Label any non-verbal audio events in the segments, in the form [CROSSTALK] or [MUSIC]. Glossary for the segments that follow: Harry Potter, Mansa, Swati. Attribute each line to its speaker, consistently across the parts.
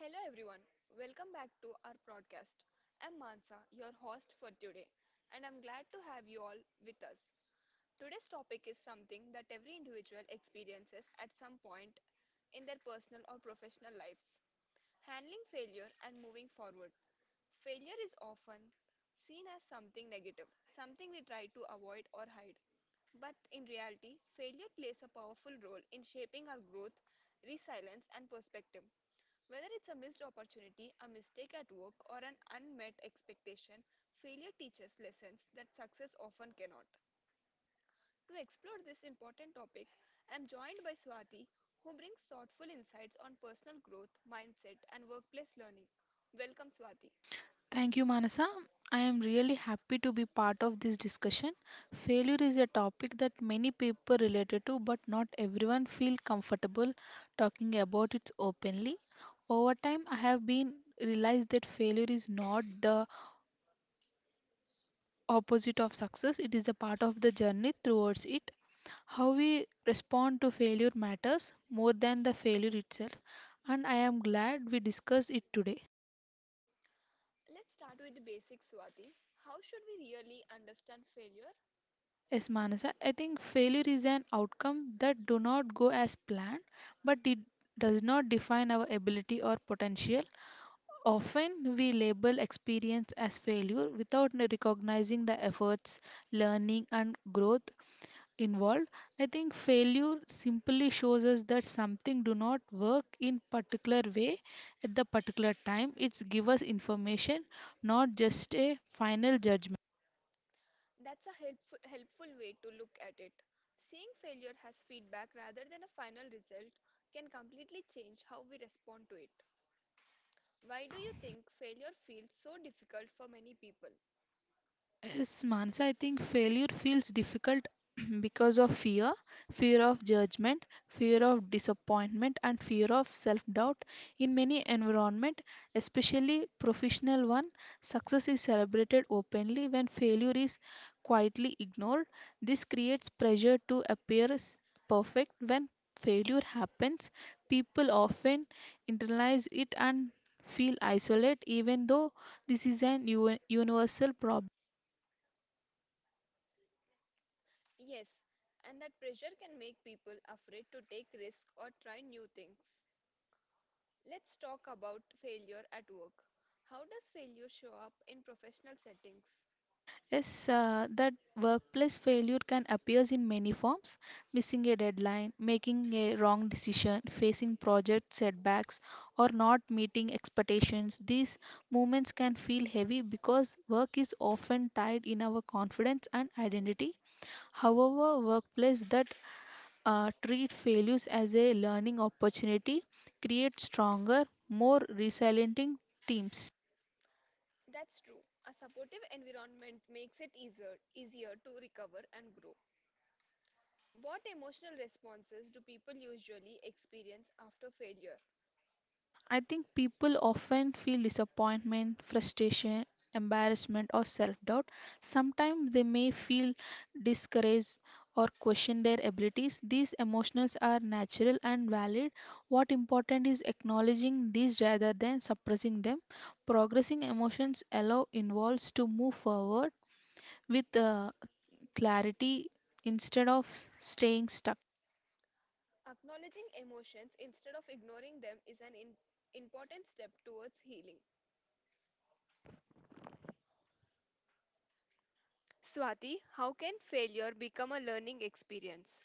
Speaker 1: Hello everyone, welcome back to our broadcast. I'm Mansa, your host for today, and I'm glad to have you all with us. Today's topic is something that every individual experiences at some point in their personal or professional lives: handling failure and moving forward. Failure is often seen as something negative, something we try to avoid or hide. But in reality, failure plays a powerful role in shaping our growth, resilience, and perspective. Whether it's a missed opportunity, a mistake at work, or an unmet expectation, failure teaches lessons that success often cannot. To explore this important topic, I am joined by Swati, who brings thoughtful insights on personal growth, mindset, and workplace learning. Welcome, Swati.
Speaker 2: Thank you, Manasa. I am really happy to be part of this discussion. Failure is a topic that many people related to, but not everyone feel comfortable talking about it openly. Over time, I have been realized that failure is not the opposite of success. It is a part of the journey towards it. How we respond to failure matters more than the failure itself, and I am glad we discussed it today.
Speaker 1: Let's start with the basics, Swati. How should we really understand failure?
Speaker 2: Yes, Manasa, I think failure is an outcome that do not go as planned, but it does not define our ability or potential. Often we label experience as failure without recognizing the efforts, learning and growth involved. I think failure simply shows us that something do not work in particular way at the particular time. It's give us information, not just a final judgment.
Speaker 1: That's a helpful way to look at it. Seeing failure as feedback rather than a final result can completely change how we respond to it. Why do you think failure feels so difficult for many people?
Speaker 2: Yes, Mansa, I think failure feels difficult [CLEARS THROAT] because of fear, of judgment, fear of disappointment, and fear of self doubt. In many environment, especially professional one, success is celebrated openly when failure is quietly ignored. This creates pressure to perfect. When failure happens, people often internalize it and feel isolated, even though this is an universal problem.
Speaker 1: Yes, and that pressure can make people afraid to take risks or try new things. Let's talk about failure at work. How does failure show up in professional settings?
Speaker 2: Yes, that workplace failure can appear in many forms: missing a deadline, making a wrong decision, facing project setbacks, or not meeting expectations. These moments can feel heavy because work is often tied in our confidence and identity. However, workplace that treat failures as a learning opportunity create stronger, more resilient teams.
Speaker 1: That's true. A supportive environment makes it easier to recover and grow. What emotional responses do people usually experience after failure?
Speaker 2: I think people often feel disappointment, frustration, embarrassment, or self doubt. Sometimes they may feel discouraged or question their abilities. These emotions are natural and valid. What important is acknowledging these rather than suppressing them. Progressing emotions allow involves to move forward with clarity instead of staying stuck.
Speaker 1: Acknowledging emotions instead of ignoring them is an important step towards healing. Swati, how can failure become a learning experience?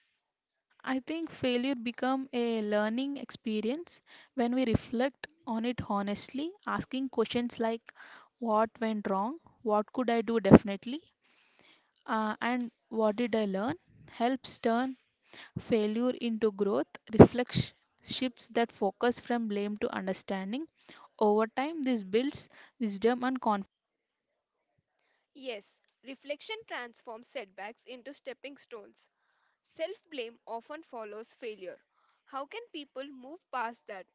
Speaker 2: I think failure become a learning experience when we reflect on it honestly, asking questions like what went wrong, what could I do definitely, and what did I learn helps turn failure into growth. Reflection shifts that focus from blame to understanding. Over time, this builds wisdom and confidence.
Speaker 1: Yes, reflection transforms setbacks into stepping stones. Self blame often follows failure. How can people move past that?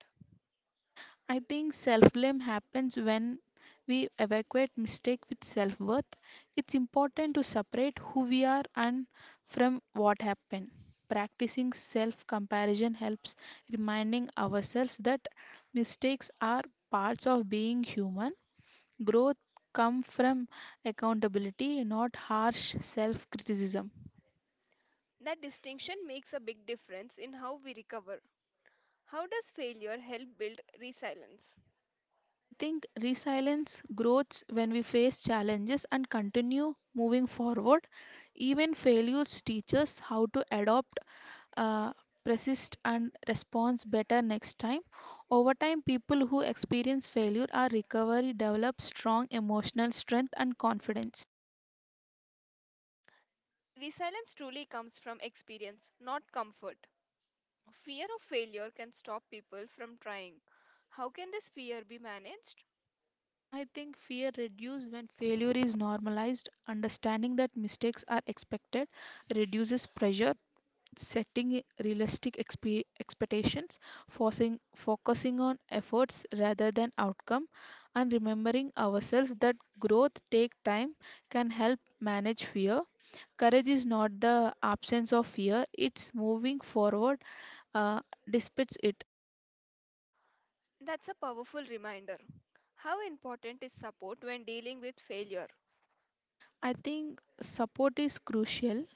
Speaker 2: I think self blame happens when we evacuate mistake with self worth. It's important to separate who we are and from what happened. Practicing self comparison helps reminding ourselves that mistakes are parts of being human. Growth comes from accountability, not harsh self criticism.
Speaker 1: That distinction makes a big difference in how we recover. How does failure help build resilience?
Speaker 2: I think resilience grows when we face challenges and continue moving forward. Even failures teach us how to adopt, uh, persist, and respond better next time. Over time, people who experience failure or recovery develop strong emotional strength and confidence.
Speaker 1: Resilience truly comes from experience, not comfort. Fear of failure can stop people from trying. How can this fear be managed?
Speaker 2: I think fear reduces when failure is normalized. Understanding that mistakes are expected reduces pressure. Setting realistic expectations, focusing on efforts rather than outcome, and remembering ourselves that growth take time can help manage fear. Courage is not the absence of fear, it's moving forward uh, despite it.
Speaker 1: That's a powerful reminder. How important is support when dealing with failure?
Speaker 2: I think support is crucial.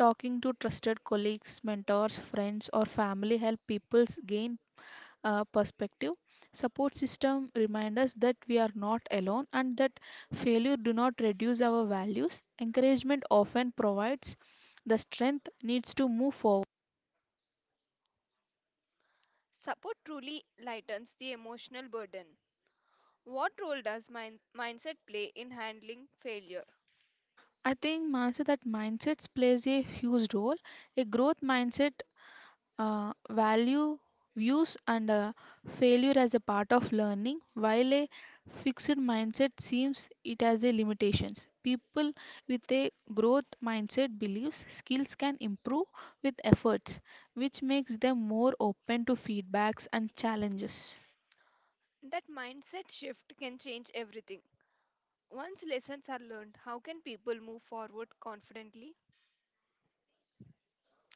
Speaker 2: Talking to trusted colleagues, mentors, friends, or family help people gain perspective. Support system remind us that we are not alone and that failure do not reduce our values. Encouragement often provides the strength needs to move forward.
Speaker 1: Support truly lightens the emotional burden. What role does mindset play in handling failure?
Speaker 2: I think, Mansi, that mindsets plays a huge role. A growth mindset, value views and failure as a part of learning, while a fixed mindset seems it as a limitations. People with a growth mindset believes skills can improve with efforts, which makes them more open to feedbacks and challenges.
Speaker 1: That mindset shift can change everything. Once lessons are learned, how can people move forward confidently?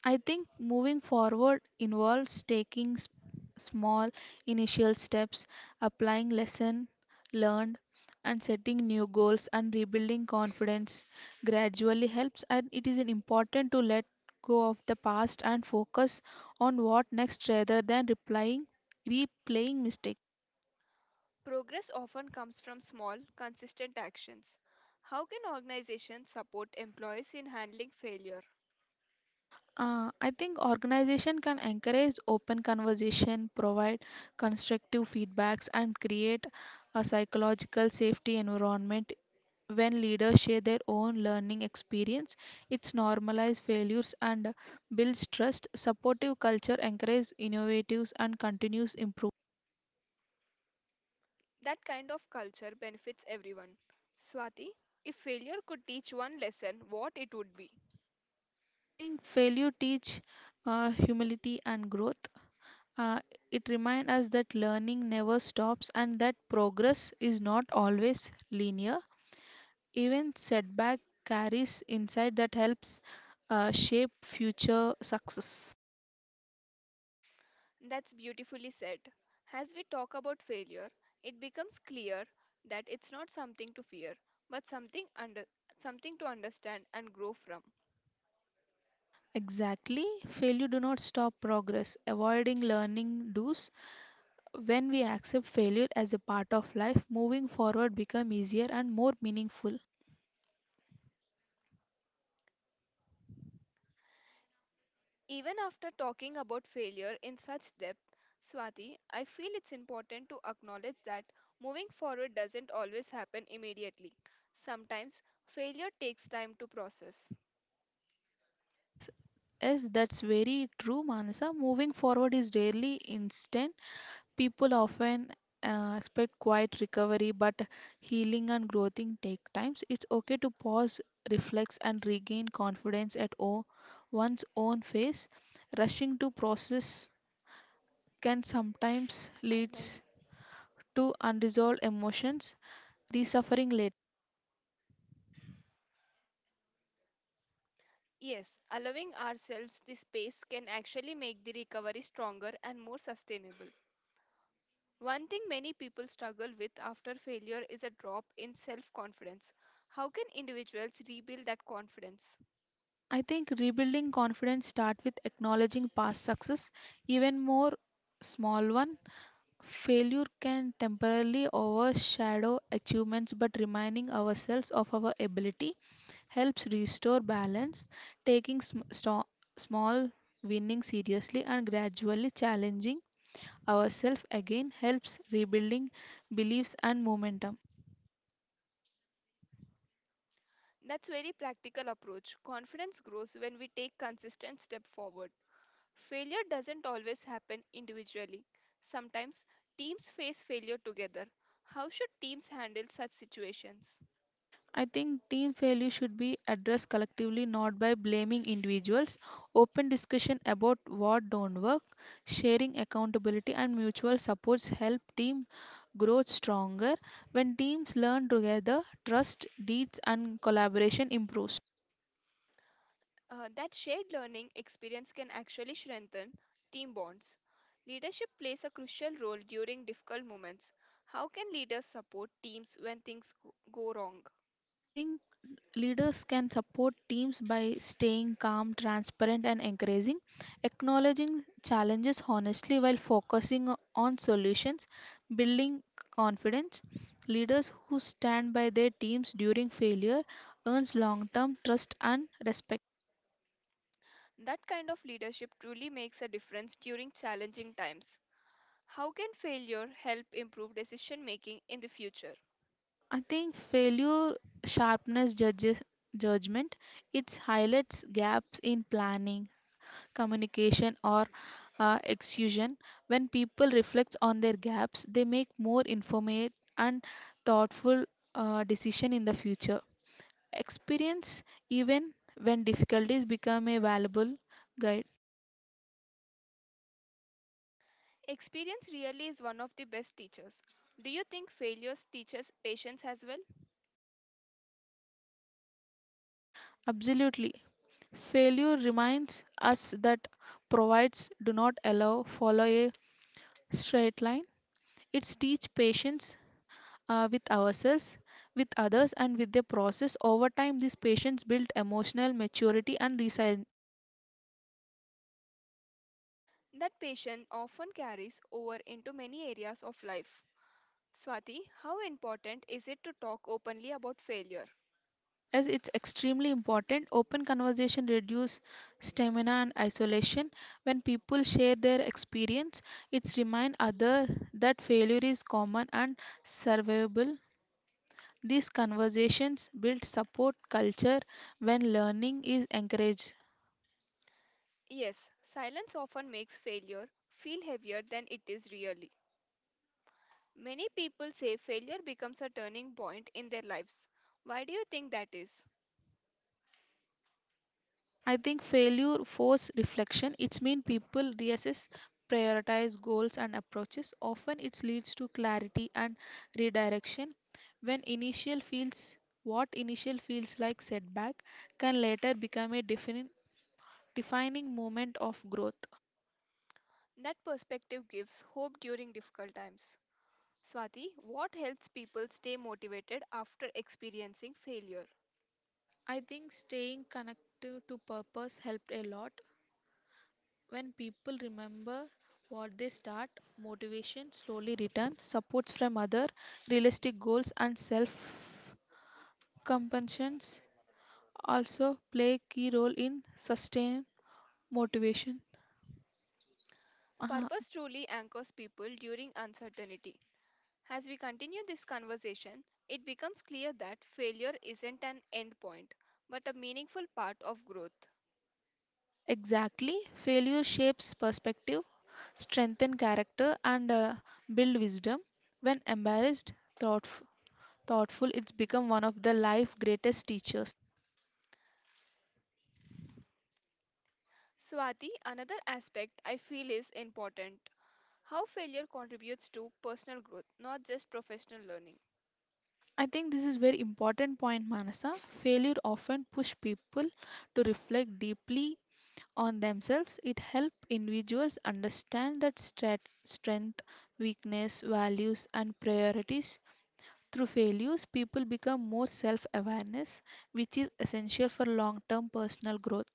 Speaker 2: I think moving forward involves small initial steps, applying lesson learned, and setting new goals, and rebuilding confidence gradually helps, and it is an important to let go of the past and focus on what next rather than replying replaying mistakes.
Speaker 1: Progress often comes from small, consistent actions. How can organizations support employees in handling failure?
Speaker 2: I think organization can encourage open conversation, provide constructive feedbacks, and create a psychological safety environment. When leaders share their own learning experience, it's normalize failures and builds trust. Supportive culture encourages innovatives and continuous improvement.
Speaker 1: That kind of culture benefits everyone. Swati, if failure could teach one lesson, what it would be?
Speaker 2: I think failure teach humility and growth. uh, it reminds us that learning never stops and that progress is not always linear. Even setback carries insight that helps shape future success.
Speaker 1: That's beautifully said. As we talk about failure, it becomes clear that it's not something to fear, but something to understand and grow from.
Speaker 2: Exactly. Failure do not stop progress. Avoiding learning does. When we accept failure as a part of life, moving forward become easier and more meaningful.
Speaker 1: Even after talking about failure in such depth, Swati, I feel it's important to acknowledge that moving forward doesn't always happen immediately. Sometimes failure takes time to process.
Speaker 2: Yes, yes, that's very true, Manasa. Moving forward is rarely instant. People often expect quiet recovery, but healing and growing take times. It's okay to pause, reflect, and regain confidence at one's own pace. Rushing to process can sometimes
Speaker 1: Fine, bye.
Speaker 2: leads to unresolved emotions, suffering later.
Speaker 1: Yes, allowing ourselves this space can actually make the recovery stronger and more sustainable. One thing many people struggle with after failure is a drop in self confidence. How can individuals rebuild that confidence?
Speaker 2: I think rebuilding confidence start with acknowledging past success, even more small one. Failure can temporarily overshadow achievements, but reminding ourselves of our ability helps restore balance. Taking small winning seriously and gradually challenging ourselves again helps rebuilding beliefs and momentum.
Speaker 1: That's very practical approach. Confidence grows when we take consistent step forward. Failure doesn't always happen individually. Sometimes teams face failure together. How should teams handle such situations?
Speaker 2: I think team failure should be addressed collectively, not by blaming individuals. Open discussion about what don't work, sharing accountability, and mutual supports help team grow stronger. When teams learn together, trust, deeds, and collaboration improves.
Speaker 1: That shared learning experience can actually strengthen team bonds. Leadership plays a crucial role during difficult moments. How can leaders support teams when things go wrong?
Speaker 2: I think leaders can support teams by staying calm, transparent, and encouraging, acknowledging challenges honestly while on solutions, building confidence. Leaders who stand by their teams during failure earns long-term trust and respect.
Speaker 1: That kind of leadership truly makes a difference during challenging times. How can failure help improve decision making in the future?
Speaker 2: I think failure sharpness judges judgment. It highlights gaps in planning, communication or execution. When people reflect on their gaps, they make more informed and thoughtful decision in the future. Experience even when difficulties become a valuable guide.
Speaker 1: Experience really is one of the best teachers. Do you think failures teaches patience as well?
Speaker 2: Absolutely. Failure reminds us that provides do not allow follow a straight line. It teach patience with ourselves, with others, and with their process. Over time, these patients build emotional maturity and resilience.
Speaker 1: That patience often carries over into many areas of life. Swati, how important is it to talk openly about failure?
Speaker 2: As it's extremely important, open conversation reduce stamina and isolation. When people share their experience, it's remind other that failure is common and survivable. These conversations build support culture when learning is encouraged.
Speaker 1: Yes, silence often makes failure feel heavier than it is really. Many people say failure becomes a turning point in their lives. Why do you think that is?
Speaker 2: I think failure force reflection. It's mean people reassess, prioritize goals and approaches. Often it leads to clarity and redirection. When initial feels What initial feels like setback can later become a defining moment of growth.
Speaker 1: That perspective gives hope during difficult times. Swati, what helps people stay motivated after experiencing failure?
Speaker 2: I think staying connected to purpose helped a lot. When people remember what they start, motivation slowly returns. Supports from other, realistic goals and self compulsions also play key role in sustained motivation. Uh-huh.
Speaker 1: Purpose truly anchors people during uncertainty. As we continue this conversation, it becomes clear that failure isn't an end point, but a meaningful part of growth.
Speaker 2: Exactly. Failure shapes perspective, strengthen character, and build wisdom. When embarrassed, thoughtf- thoughtful, it's become one of the life greatest teachers.
Speaker 1: Swati, another aspect I feel is important: how failure contributes to personal growth, not just professional learning.
Speaker 2: I think this is very important point, Manasa. Failure often push people to reflect deeply on themselves. It helps individuals understand that strength, weakness, values, and priorities. Through failures, people become more self awareness, which is essential for long term personal growth.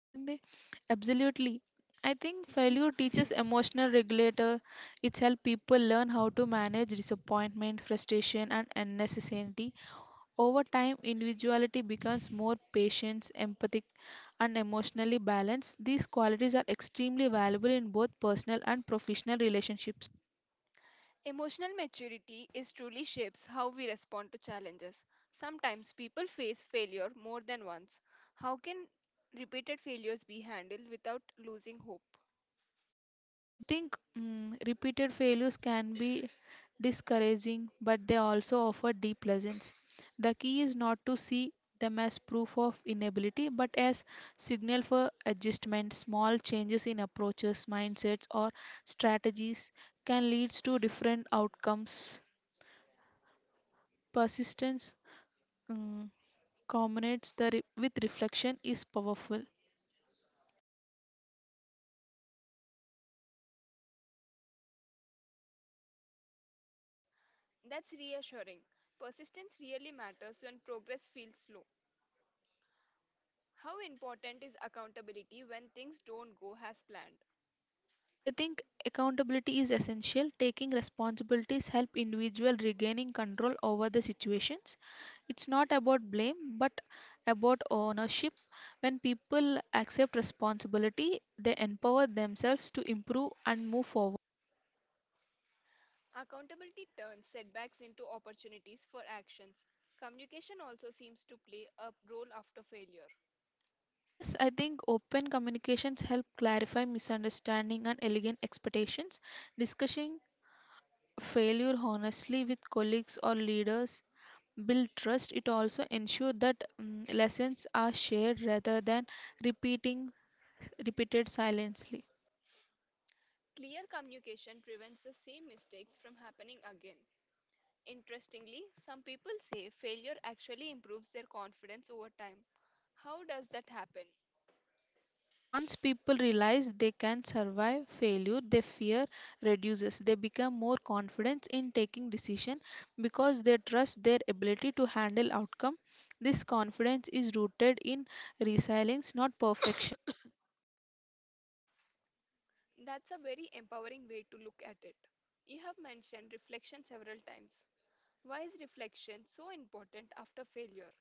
Speaker 2: Govind, absolutely. I think failure teaches emotional regulator. It's help people learn how to manage disappointment, frustration, and unnecessary. Over time, individuality becomes more patient, empathic, and emotionally balanced. These qualities are extremely valuable in both personal and professional relationships.
Speaker 1: Emotional maturity is truly shapes how we respond to challenges. Sometimes people face failure more than once. How can repeated failures be handled without losing hope?
Speaker 2: I think, repeated failures can be discouraging, but they also offer deep lessons. The key is not to see them as proof of inability, but as signal for adjustment. Small changes in approaches, mindsets, or strategies can lead to different outcomes. Persistence, mm, culminates with reflection is powerful.
Speaker 1: That's reassuring. Persistence really matters when progress feels slow. How important is accountability when things don't go as planned?
Speaker 2: I think accountability is essential. Taking responsibilities help individual regaining control over the situations. It's not about blame but about ownership. When people accept responsibility, they empower themselves to improve and move forward.
Speaker 1: Accountability turns setbacks into opportunities for actions. Communication also seems to play a role after failure.
Speaker 2: Yes, I think open communications help clarify misunderstanding and elegant expectations. Discussing failure honestly with colleagues or leaders build trust. It also ensures that, lessons are shared rather than repeating repeated silently.
Speaker 1: Clear communication prevents the same mistakes from happening again. Interestingly, some people say failure actually improves their confidence over time. How does that happen?
Speaker 2: Once people realize they can survive failure, their fear reduces. They become more confident in taking decision because they trust their ability to handle outcome. This confidence is rooted in resilience, not perfection.
Speaker 1: That's a very empowering way to look at it. You have mentioned reflection several times. Why is reflection so important after failure?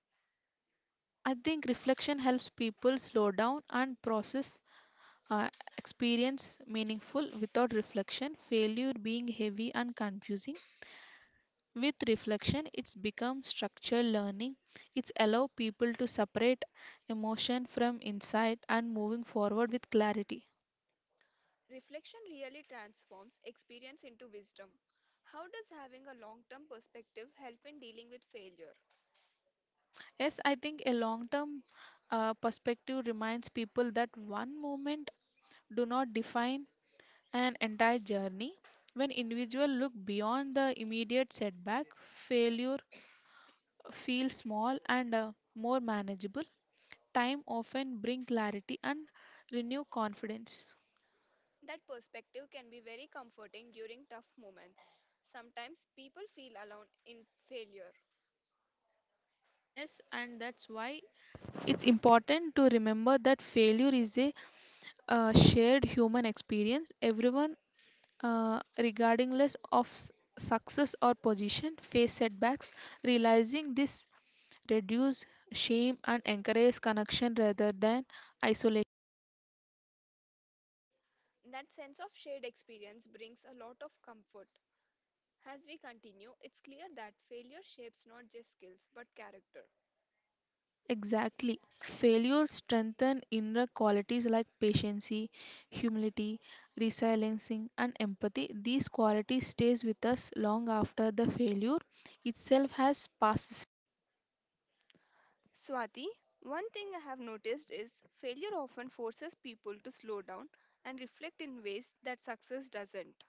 Speaker 2: I think reflection helps people slow down and process uh, experience meaningful. Without reflection, failure being heavy and confusing. With reflection, it's become structured learning. It's allow people to separate emotion from insight and moving forward with clarity.
Speaker 1: Reflection really transforms experience into wisdom. How does having a long term perspective help in dealing with failure?
Speaker 2: Yes, I think a long-term perspective reminds people that one moment do not define an entire journey. When individual look beyond the immediate setback, failure feels small and more manageable. Time often bring clarity and renew confidence.
Speaker 1: That perspective can be very comforting during tough moments. Sometimes people feel alone in failure.
Speaker 2: Yes, and that's why it's important to remember that failure is a shared human experience. Everyone, regardless of success or position, face setbacks. Realizing this reduce shame and encourage connection rather than isolation.
Speaker 1: That sense of shared experience brings a lot of comfort. As we continue, it's clear that failure shapes not just skills but character.
Speaker 2: Exactly. Failure strengthens inner qualities like patience, humility, resiliency, and empathy. These qualities stays with us long after the failure itself has passed.
Speaker 1: Swati, one thing I have noticed is failure often forces people to slow down and reflect in ways that success doesn't.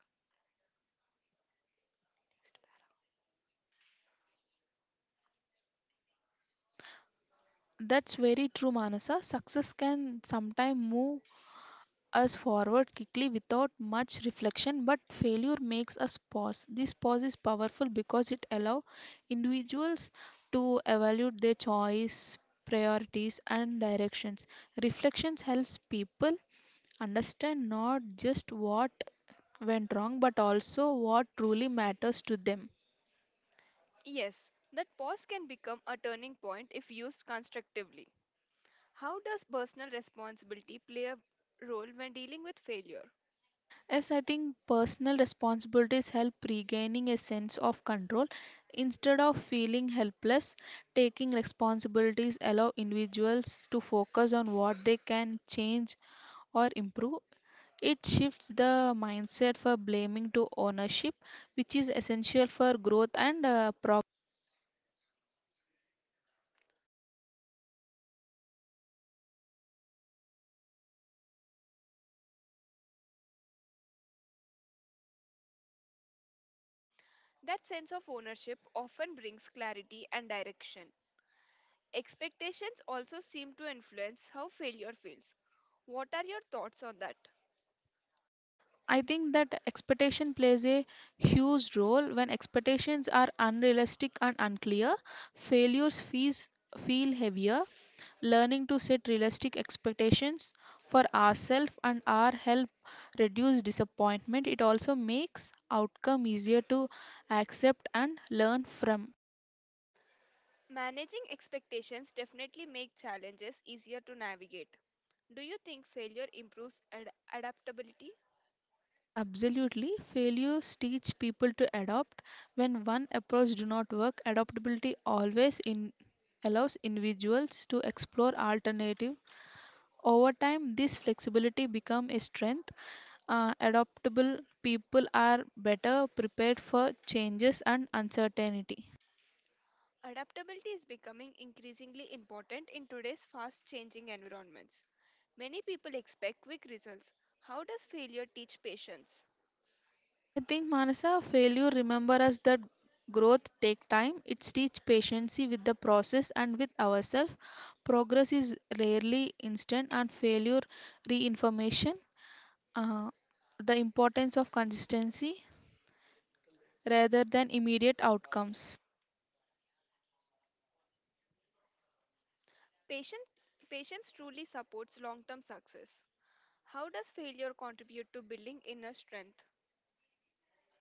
Speaker 2: That's very true, Manasa. Success can sometimes move us forward quickly without much reflection, but failure makes us pause. This pause is powerful because it allows individuals to evaluate their choice, priorities and directions. Reflections helps people understand not just what went wrong but also what truly matters to them.
Speaker 1: Yes, that pause can become a turning point if used constructively. How does personal responsibility play a role when dealing with failure?
Speaker 2: Yes, I think personal responsibilities help regaining a sense of control. Instead of feeling helpless, taking responsibilities allow individuals to focus on what they can change or improve. It shifts the mindset for blaming to ownership, which is essential for growth and progress.
Speaker 1: That sense of ownership often brings clarity and direction. Expectations also seem to influence how failure feels. What are your thoughts on that?
Speaker 2: I think that expectation plays a huge role when expectations are unrealistic and unclear. Failures fees feel heavier. Learning to set realistic expectations for ourselves and our help reduce disappointment. It also makes outcome easier to accept and learn from.
Speaker 1: Managing expectations definitely make challenges easier to navigate. Do you think failure improves adaptability?
Speaker 2: Yes, absolutely, failures teach people to adopt when one approach do not work. Adaptability always in allows individuals to explore alternative. Over time, this flexibility become a strength. Adaptable people are better prepared for changes and uncertainty.
Speaker 1: Adaptability is becoming increasingly important in today's fast changing environments. Many people expect quick results. How does failure teach patience?
Speaker 2: I think, Manasa, failure remember us that growth take time. It teach patience with the process and with ourselves. Progress is rarely instant and failure reinformation. Uh, the importance of consistency rather than immediate outcomes.
Speaker 1: Patient, patience truly supports long term success. How does failure contribute to building inner strength?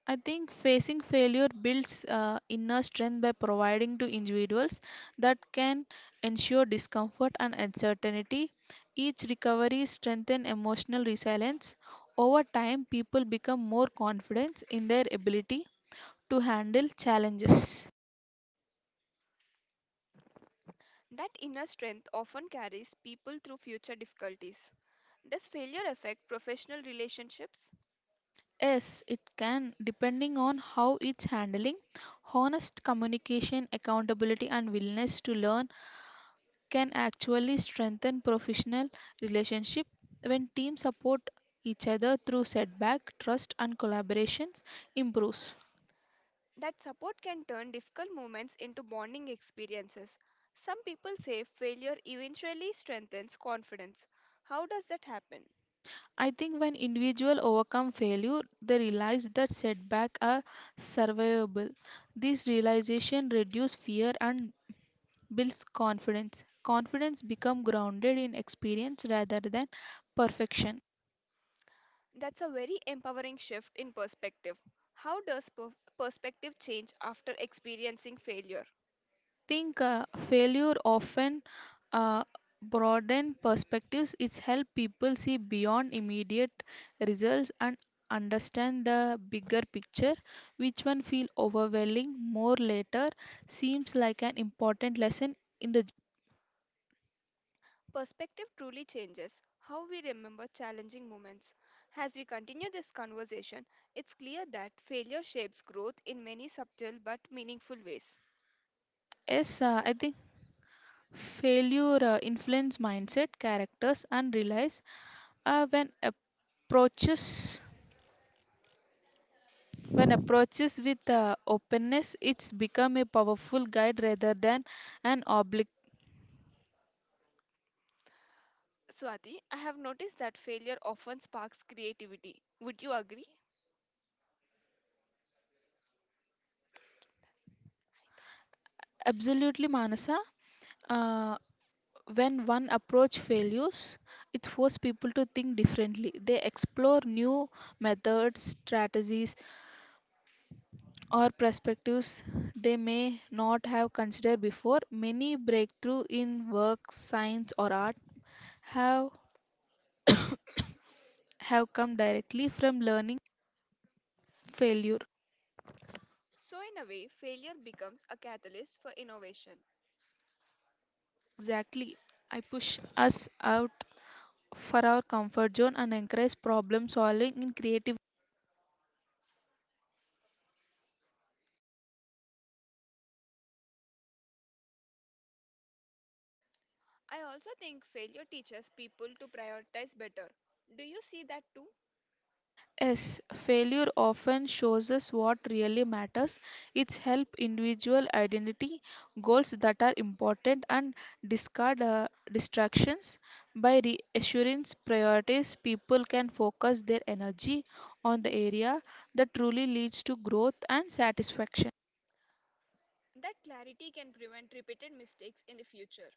Speaker 2: I think facing failure builds inner strength by providing to individuals that can ensure discomfort and uncertainty. Each recovery strengthens emotional resilience. Over time, people become more confident in their ability to handle challenges.
Speaker 1: That inner strength often carries people through future difficulties. Does failure affect professional relationships?
Speaker 2: Yes, it can, depending on how it's handling. Honest communication, accountability, and willingness to learn can actually strengthen professional relationship. When teams support each other through setback, trust and collaborations improves.
Speaker 1: That support can turn difficult moments into bonding experiences. Some people say failure eventually strengthens confidence. How does that happen?
Speaker 2: I think when individuals overcome failure, they realize that setbacks are survivable. This realization reduces fear and builds confidence. Confidence become grounded in experience rather than perfection.
Speaker 1: That's a very empowering shift in perspective. How does perspective change after experiencing failure?
Speaker 2: I think failure often uh, broaden perspectives. It's help people see beyond immediate results and understand the bigger picture, which one feel overwhelming more later seems like an important lesson in the journey.
Speaker 1: Perspective truly changes how we remember challenging moments. As we continue this conversation, it's clear that failure shapes growth in many subtle but meaningful ways.
Speaker 2: Yes, I think failure influence mindset, characters, and realize when approaches, when approaches with openness, it's become a powerful guide rather than an oblig.
Speaker 1: Swati, I have noticed that failure often sparks creativity. Would you agree?
Speaker 2: Absolutely, Manasa. Uh, when one approach fails, it forces people to think differently. They explore new methods, strategies, or perspectives they may not have considered before. Many breakthrough in work, science, or art have [COUGHS] have come directly from learning failure.
Speaker 1: So, in a way, failure becomes a catalyst for innovation.
Speaker 2: Exactly. I push us out for our comfort zone and encourage problem solving in creative.
Speaker 1: I also think failure teaches people to prioritize better. Do you see that too?
Speaker 2: Yes, failure often shows us what really matters. It's help individual identity goals that are important and discard distractions. By reassurance priorities, people can focus their energy on the area that truly leads to growth and satisfaction.
Speaker 1: That clarity can prevent repeated mistakes in the future.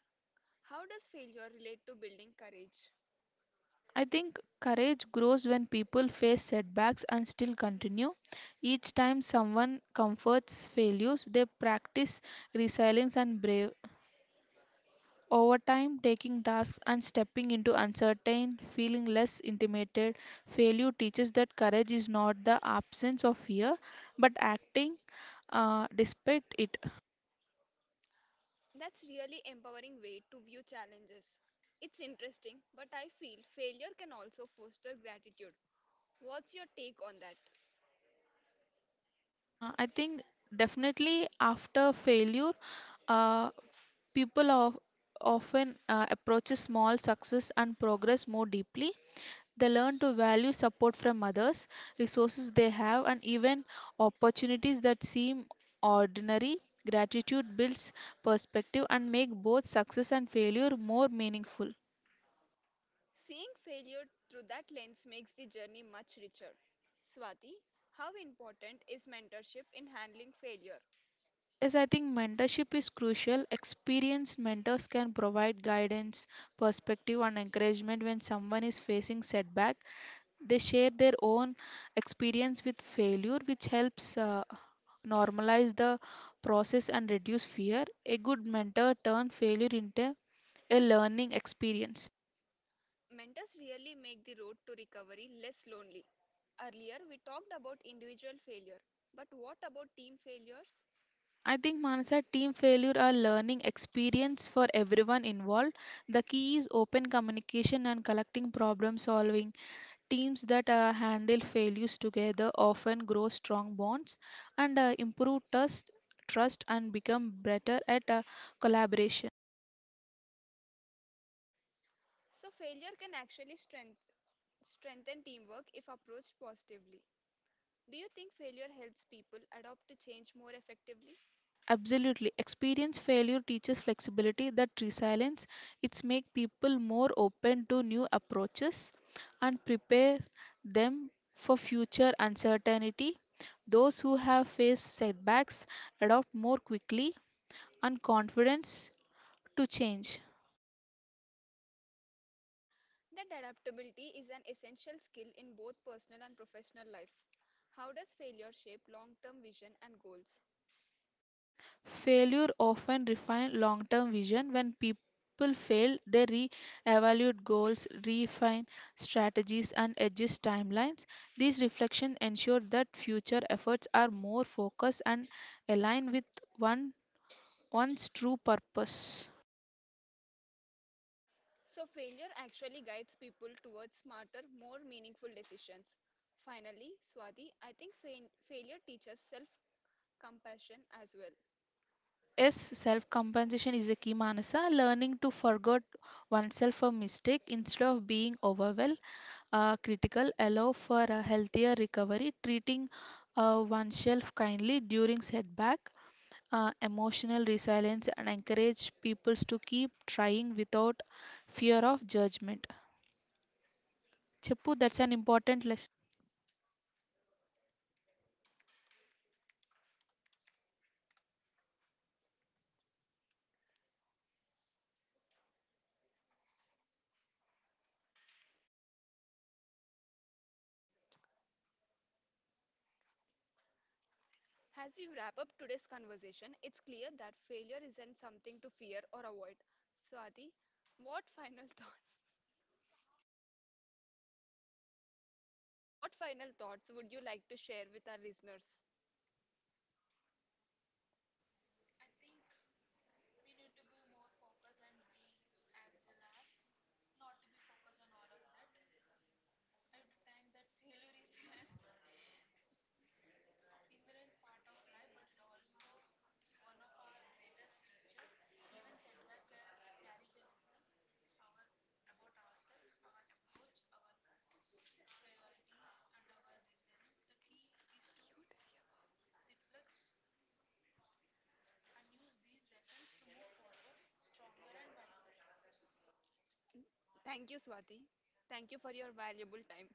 Speaker 1: How does failure relate to building courage?
Speaker 2: I think courage grows when people face setbacks and still continue. Each time someone comforts failures, they practice resilience and brave. Over time, taking tasks and stepping into uncertain, feeling less intimidated, failure teaches that courage is not the absence of fear, but acting despite it.
Speaker 1: That's really empowering way to view challenges. It's interesting, but I feel failure can also foster gratitude. What's your take on that?
Speaker 2: I think definitely after failure, uh, people of, often approach small success and progress more deeply. They learn to value support from others, resources they have, and even opportunities that seem ordinary. Gratitude builds perspective and make both success and failure more meaningful.
Speaker 1: Seeing failure through that lens makes the journey much richer. Swati, how important is mentorship in handling failure?
Speaker 2: Yes, I think mentorship is crucial. Experienced mentors can provide guidance, perspective, and encouragement when someone is facing setback. They share their own experience with failure, which helps normalize the process and reduce fear. A good mentor turns failure into a learning experience.
Speaker 1: Mentors really make the road to recovery less lonely. Earlier, we talked about individual failure, but what about team failures?
Speaker 2: I think, Manasa, team failure are learning experience for everyone involved. The key is open communication and collecting problem solving. Teams that handle failures together often grow strong bonds and improve trust and become better at collaboration.
Speaker 1: So failure can actually strengthen teamwork if approached positively. Do you think failure helps people adapt to change more effectively?
Speaker 2: Absolutely. Experience failure teaches flexibility that resilience. It's make people more open to new approaches and prepare them for future uncertainty. Those who have faced setbacks adapt more quickly and confidence to change.
Speaker 1: That adaptability is an essential skill in both personal and professional life. How does failure shape long-term vision and goals?
Speaker 2: Failure often refines long term vision. When people fail, they re evaluate goals, refine strategies, and adjust timelines. These reflections ensure that future efforts are more focused and align with one, one's true purpose.
Speaker 1: So failure actually guides people towards smarter, more meaningful decisions. Finally, Swati, I think fain failure teaches self-compassion as well.
Speaker 2: Yes, self compensation is a key, Manasa. Learning to forget oneself for mistake instead of being overwhelmed are critical, allow for a healthier recovery, treating oneself kindly during setback, emotional resilience, and encourage people to keep trying without fear of judgment. Cheppu, that's an important lesson.
Speaker 1: As we wrap up today's conversation, it's clear that failure isn't something to fear or avoid. Swati, what final [LAUGHS] thought? What final thoughts would you like to share with our listeners? Beautiful. Thank you, Swati. Thank you for your valuable time.